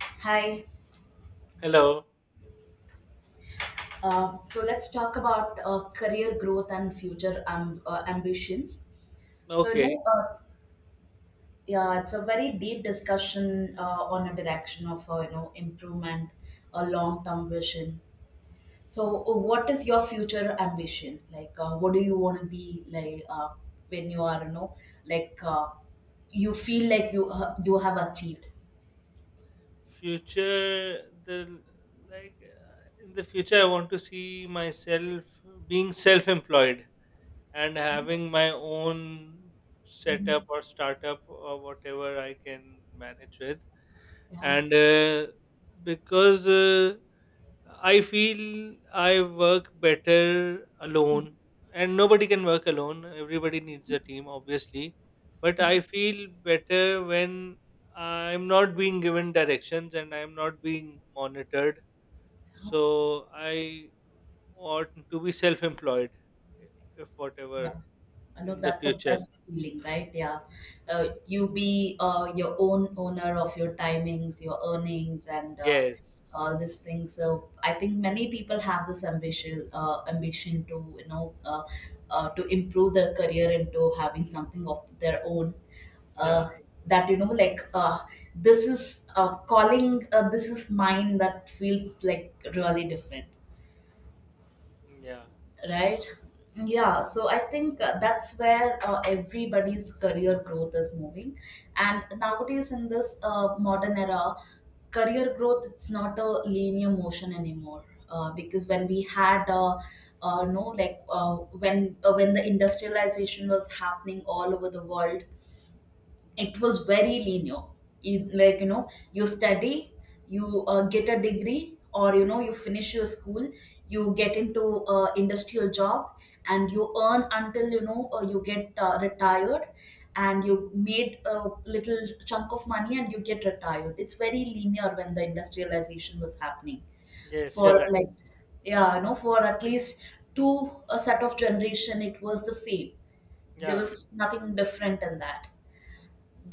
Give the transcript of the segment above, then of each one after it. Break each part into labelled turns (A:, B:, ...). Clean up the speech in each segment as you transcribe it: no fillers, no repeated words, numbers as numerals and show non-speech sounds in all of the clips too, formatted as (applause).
A: Hi.
B: Hello.
A: So let's talk about career growth and future ambitions. So,
B: Okay.
A: yeah, it's a very deep discussion on a direction of improvement, a long-term vision. So, what is your future ambition? Like, what do you want to be like when you are like uh, you feel like you have achieved?
B: Future, the like in the future, I want to see myself being self-employed and having my own setup
A: Mhm.
B: or startup or whatever I can manage with.
A: Yeah.
B: And because I feel I work better alone, and nobody can work alone. Everybody needs a team, obviously. But I feel better when I'm not being given directions and I'm not being monitored. So I want to be self employed, if
A: Yeah,
B: whatever
A: I know
B: in the
A: that's the
B: future.
A: best feeling, right? Yeah, you be your own owner of your timings, your earnings, and
B: Yes.
A: all these things. So I think many people have this ambition to to improve their career into having something of their own.
B: Yeah.
A: Uh, that, this is calling. This is mine. That feels like really different,
B: Yeah.
A: right? Yeah, so I think that's where everybody's career growth is moving. And nowadays in this modern era, career growth, it's not a linear motion anymore. Because when we had no, like, when the industrialization was happening all over the world, it was very linear. Like, you know, you study, you get a degree, or you know, you finish your school, you get into a industrial job, and you earn until you know, you get retired, and you made a little chunk of money, and you get retired. It's very linear when the industrialization was happening.
B: Yes,
A: For
B: you're right.
A: like, yeah, you know, for at least two, a set of generation it was the same. There
B: Yeah.
A: was nothing different in that,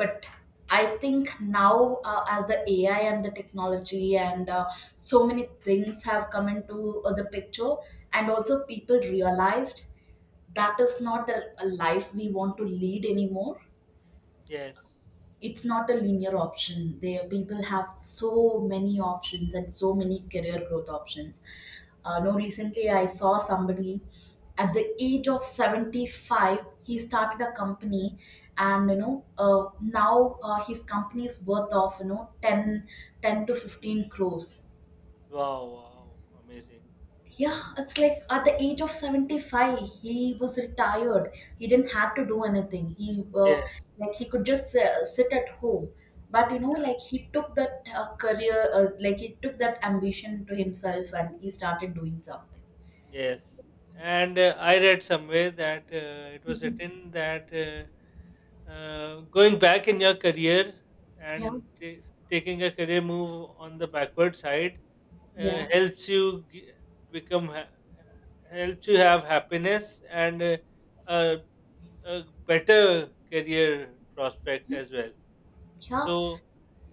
A: but I think now, as the AI and the technology and so many things have come into the picture. And also people realized that is not the a life we want to lead anymore.
B: Yes.
A: It's not a linear option there. People have so many options and so many career growth options. No Recently I saw somebody at the age of 75. He started a company, and you know, now his company is worth of, you know, 10 to 15 crores.
B: Wow. Wow. Amazing.
A: Yeah, it's like at the age of 75, he was retired. He didn't have to do anything. He
B: Yes.
A: could just sit at home. But you know,
B: Yeah.
A: like, he took that ambition to himself, and he started doing something.
B: Yes, and I read somewhere that it was written that going back in your career
A: Yeah,
B: and taking a career move on the backward side
A: yeah,
B: helps you become ha- helps you have happiness and a, a better career prospect
A: yeah,
B: as well.
A: yeah,
B: So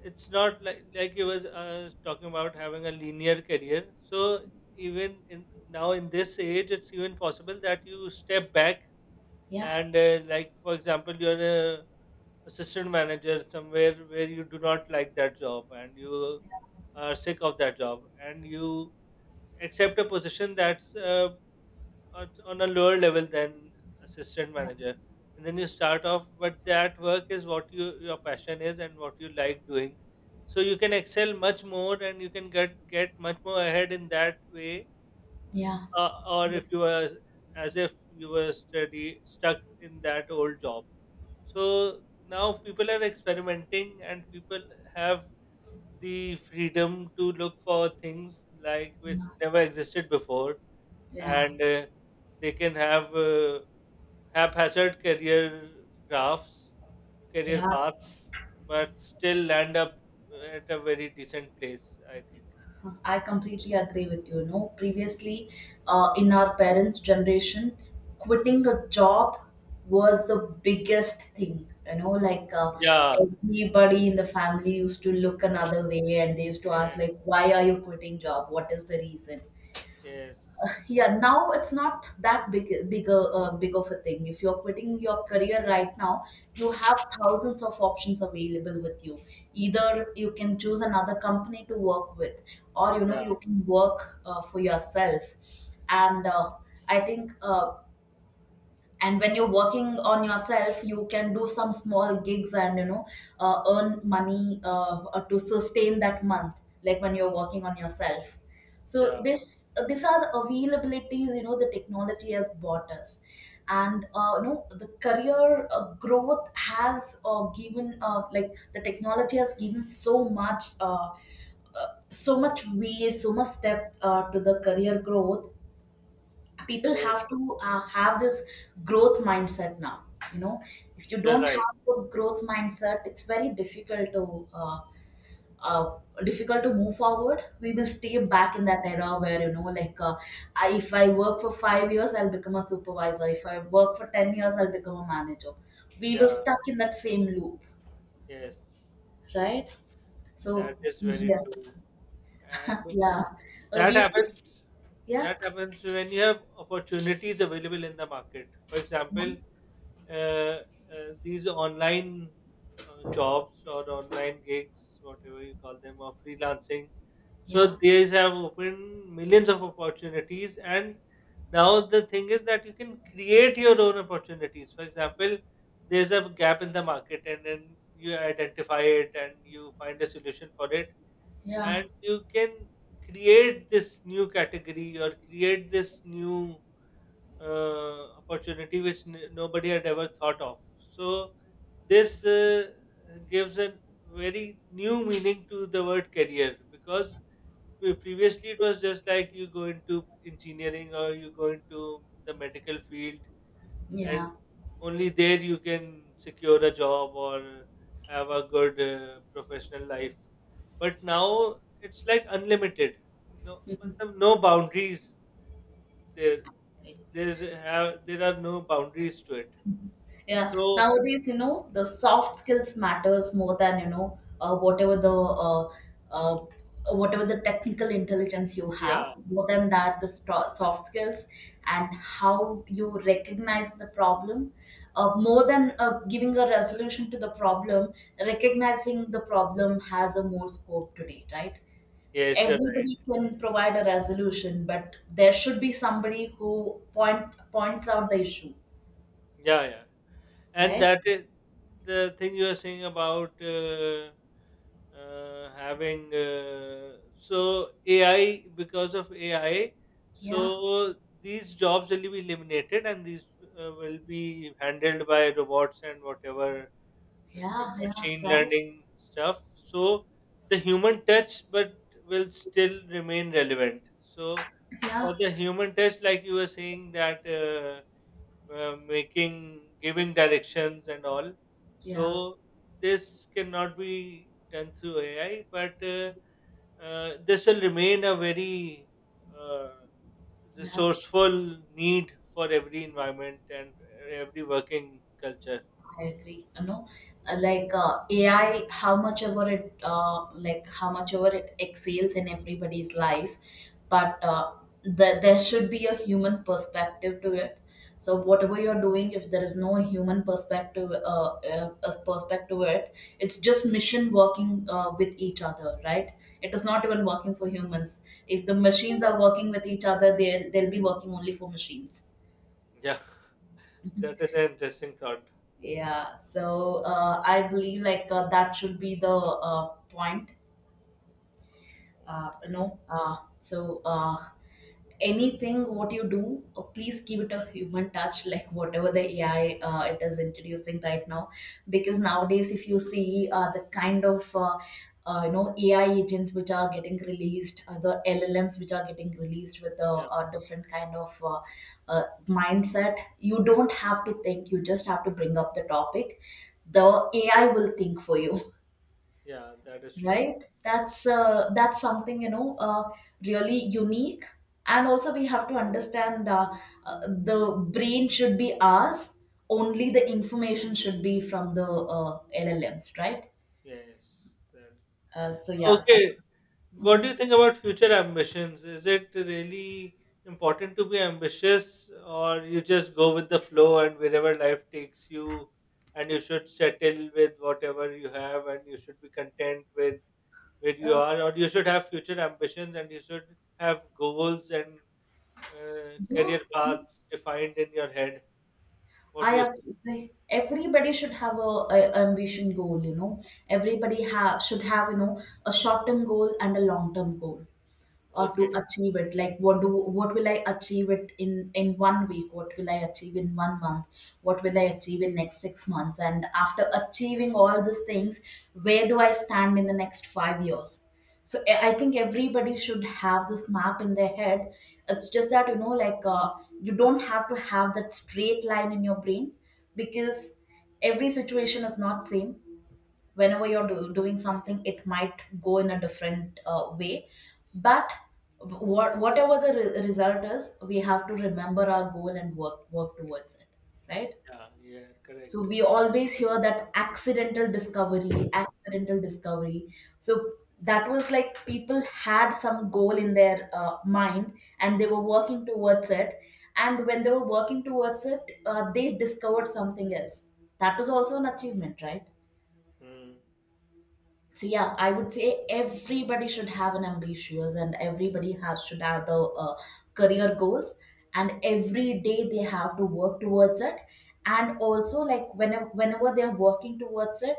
B: it's not like he was talking about having a linear career. So even in now in this age, it's even possible that you step back
A: yeah,
B: and like for example, you're a assistant manager somewhere where you do not like that job and you are sick of that job and you accept a position that's at, on a lower level than assistant manager, and then you start off, but that work is what you your passion is and what you like doing, so you can excel much more and you can get much more ahead in that way,
A: yeah,
B: or
A: yeah,
B: if you were as if you were study stuck in that old job. So now people are experimenting and people have the freedom to look for things like which never existed before,
A: yeah,
B: and they can have haphazard career graphs, career
A: yeah.
B: paths, but still land up at a very decent place, I think.
A: I completely agree with you. You know, previously, in our parents' generation, quitting a job was the biggest thing. You know, like,
B: Yeah.
A: everybody in the family used to look another way, and they used to ask, like, "Why are you quitting job? What is the reason?"
B: Yes.
A: Yeah, now it's not that bigger big of a thing if you're quitting your career right now. You have thousands of options available with you. Either you can choose another company to work with, or you know, you
B: Yes.
A: can work for yourself. And I think, and when you're working on yourself, you can do some small gigs, and you know, earn money, to sustain that month, like when you're working on yourself.
B: Yeah.
A: So
B: Yeah.
A: this these are the availabilities, you know, the technology has bought us. And you know, the career growth has given, like the technology has given so much, so much way, so much step to the career growth. People
B: Yes.
A: have to have this growth mindset now. You know, if you
B: You're
A: don't
B: right.
A: have a growth mindset, it's very uh, difficult to move forward. We will stay back in that era where, you know, like, if I work for 5 years, I'll become a supervisor. If I work for 10 years, I'll become a manager. We
B: Yeah.
A: will stuck in that same loop,
B: Yes.
A: right?
B: That
A: So
B: is very
A: yeah.
B: true.
A: (laughs)
B: And
A: Yeah. We
B: that
A: have.
B: happens
A: Yeah,
B: that happens when you have opportunities available in the market. For example,
A: yeah,
B: uh, these online jobs or online gigs, whatever you call them, or freelancing.
A: yeah,
B: So these have opened millions of opportunities, and now the thing is that you can create your own opportunities. For example, there's a gap in the market, and then you identify it and you find a solution for it,
A: yeah,
B: and you can create this new category or create this new opportunity which nobody had ever thought of. So this gives a very new meaning to the word career, because previously it was just like you go into engineering or you go into the medical field, and
A: yeah.
B: only there you can secure a job or have a good professional life. But now it's like unlimited, no
A: (laughs)
B: matlab, no boundaries. there
A: Mhm.
B: there have there are no boundaries to it.
A: Yeah,
B: So
A: nowadays, you know, the soft skills matters more than, you know, uh, whatever the technical intelligence you
B: yeah,
A: have. More than that, the soft skills and how you recognize the problem. More than giving a resolution to the problem, recognizing the problem has a more scope today, right?
B: yes, you're right.
A: Everybody can provide a resolution, but there should be somebody who points out the issue,
B: Yeah, yeah. And
A: right?
B: that is the thing you are saying about having so ai, because of ai.
A: Yeah.
B: So these jobs will be eliminated, and these will be handled by robots and whatever
A: Yeah, yeah,
B: machine
A: right.
B: learning stuff. So the human touch but will still remain relevant. So for
A: Yeah,
B: the human test, like you were saying that making, giving directions and all.
A: yeah,
B: So this cannot be done through AI, but this will remain a very uh,
A: yeah.
B: resourceful need for every environment and every working culture.
A: I agree. You know, AI, how much ever it, like how much ever it excels in everybody's life, but there should be a human perspective to it. So whatever you're doing, if there is no human perspective, as perspective to it, it's just machine working with each other, right? It is not even working for humans. If the machines are working with each other, they will they'll be working only for machines.
B: Yeah, (laughs) that
A: (laughs)
B: is an interesting thought.
A: Yeah, so I believe, like, that should be the point, you
B: Okay.
A: know. So, anything what you do, please give it a human touch, like whatever the AI, it is introducing right now. Because nowadays, if you see the kind of, you know, AI agents which are getting released, the LLMs which are getting released with
B: Yeah.
A: a different kind of, mindset, you don't have to think, you just have to bring up the topic. The
B: Yes.
A: AI will think for you.
B: Yeah, that is true.
A: Right? That's something, you know, really unique. And also we have to understand, the brain should be ours. Only the information should be from the LLMs, right?
B: Yes. That.
A: So yeah.
B: Okay. What do you think about future ambitions? Is it really important to be ambitious, or you just go with the flow and wherever life takes you, and you should settle with whatever you have, and you should be content with where you
A: uh,
B: are, or you should have future ambitions and you should have goals and
A: yeah.
B: career paths defined in your head? What
A: I
B: do you say?
A: agree. Everybody should have a ambition goal, you know. Everybody have should have, you know, a short term goal and a long term goal. Or to
B: Okay,
A: achieve it, like, what will I achieve it in 1 week? What will I achieve in 1 month? What will I achieve in next 6 months? And after achieving all these things, where do I stand in the next 5 years? So I think everybody should have this map in their head. It's just that, you know, like, you don't have to have that straight line in your brain because every situation is not same. Whenever you're doing something, it might go in a different way. But whatever the result is, we have to remember our goal and work towards it, right?
B: yeah, yeah,
A: So
B: correct.
A: we always hear that accidental discovery, accidental discovery. So that was like people had some goal in their mind, and they were working towards it. And when they were working towards it, they discovered something else. That was also an achievement, right?
B: Hmm.
A: So yeah, I would say everybody should have an ambitious, and everybody has should have the uh, career goals. And every day they have to work towards it. And also, like, whenever they're working towards it,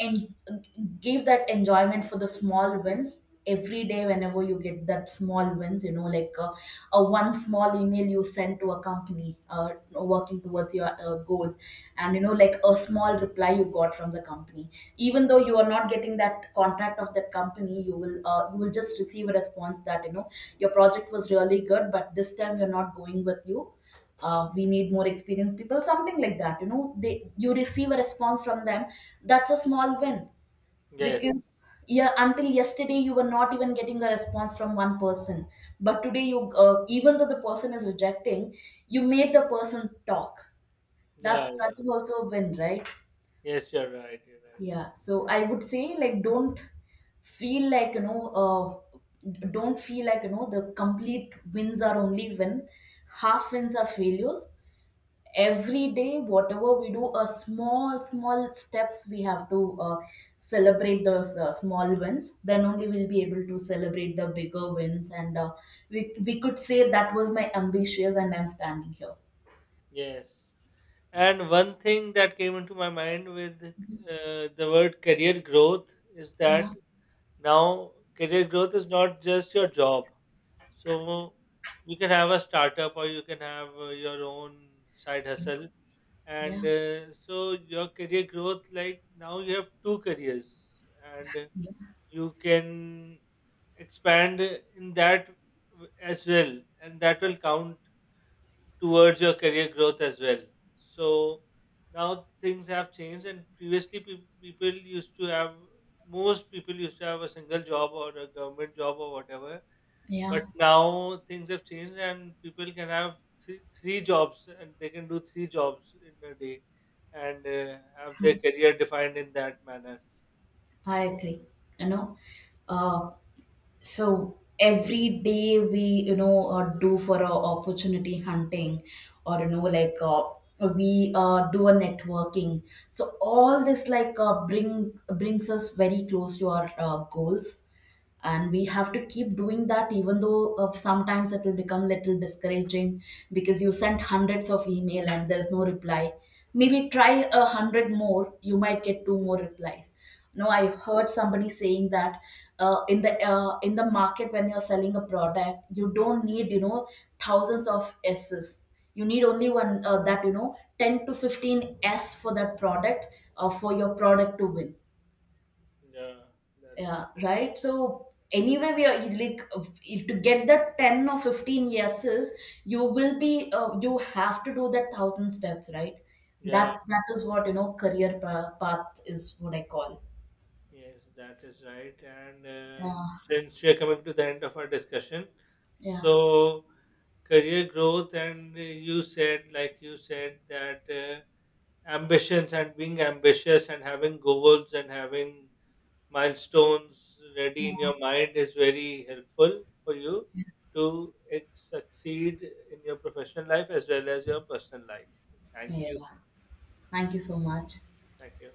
A: and give that enjoyment for the small wins. Every day whenever you get that small wins, you know, like, one small email you send to a company, working towards your goal, and you know, like, a small reply you got from the company. Even though you are not getting that contract of that company, you will just receive a response that, you know, your project was really good, but this time we're not going with you. We need more experienced people, something like that. You know, they you receive a response from them. That's a small win,
B: Yes,
A: because, yeah, until yesterday you were not even getting a response from one person. But today, you even though the person is rejecting, you made the person talk.
B: yeah,
A: That
B: yeah.
A: is also a win, right?
B: Yes, you're right, you're right.
A: Yeah, so I would say, like, don't feel like you know don't feel like, you know, the complete wins are only win, half wins are failures. Every day whatever we do, a small steps, we have to celebrate those small wins. Then only we'll be able to celebrate the bigger wins, and we could say that was my ambitious and I'm standing here.
B: Yes. And one thing that came into my mind with the word career growth is
A: Yeah.
B: that now career growth is not just your job. So you can have a startup or you can have your own side hustle.
A: Yeah,
B: And so your career growth, like now you have two careers, and
A: yeah,
B: you can expand in that as well. And that will count towards your career growth as well. So now things have changed, and previously people used to have most people used to have a single job or a government job or whatever.
A: yeah.
B: But now things have changed, and people can have three, three jobs, and they can do three jobs in a day, and have their career defined in that manner.
A: I agree. You know, uh, so every day we, you know, do for a opportunity hunting. Or, you know, like, we do a networking. So all this, like, brings us very close to our goals.
B: Yeah,
A: And we have to keep doing that, even though, sometimes it will become little discouraging. Because you sent hundreds of email and there's no reply. Maybe try a hundred more, you might get two more replies. No, I heard somebody saying that, in the market, when you're selling a product, you don't need, you know, thousands of s's. You need only one, that, you know, 10 to 15 s for that product, or for your product to win.
B: yeah, that's right.
A: Yeah, right. So anyway, we are you like, if to get that 10 or 15 yeses, you will be you have to do that thousand steps, right?
B: Yeah.
A: That is what, you know, career path is what I call.
B: Yes, that is right. And
A: Yeah,
B: since we are coming to the end of our discussion,
A: yeah,
B: so career growth, and like you said, that ambitions and being ambitious and having goals and having milestones ready in your mind is very helpful for you to succeed in your professional life as well as your personal life. Thank you.
A: yeah. Thank you so much.
B: Thank you.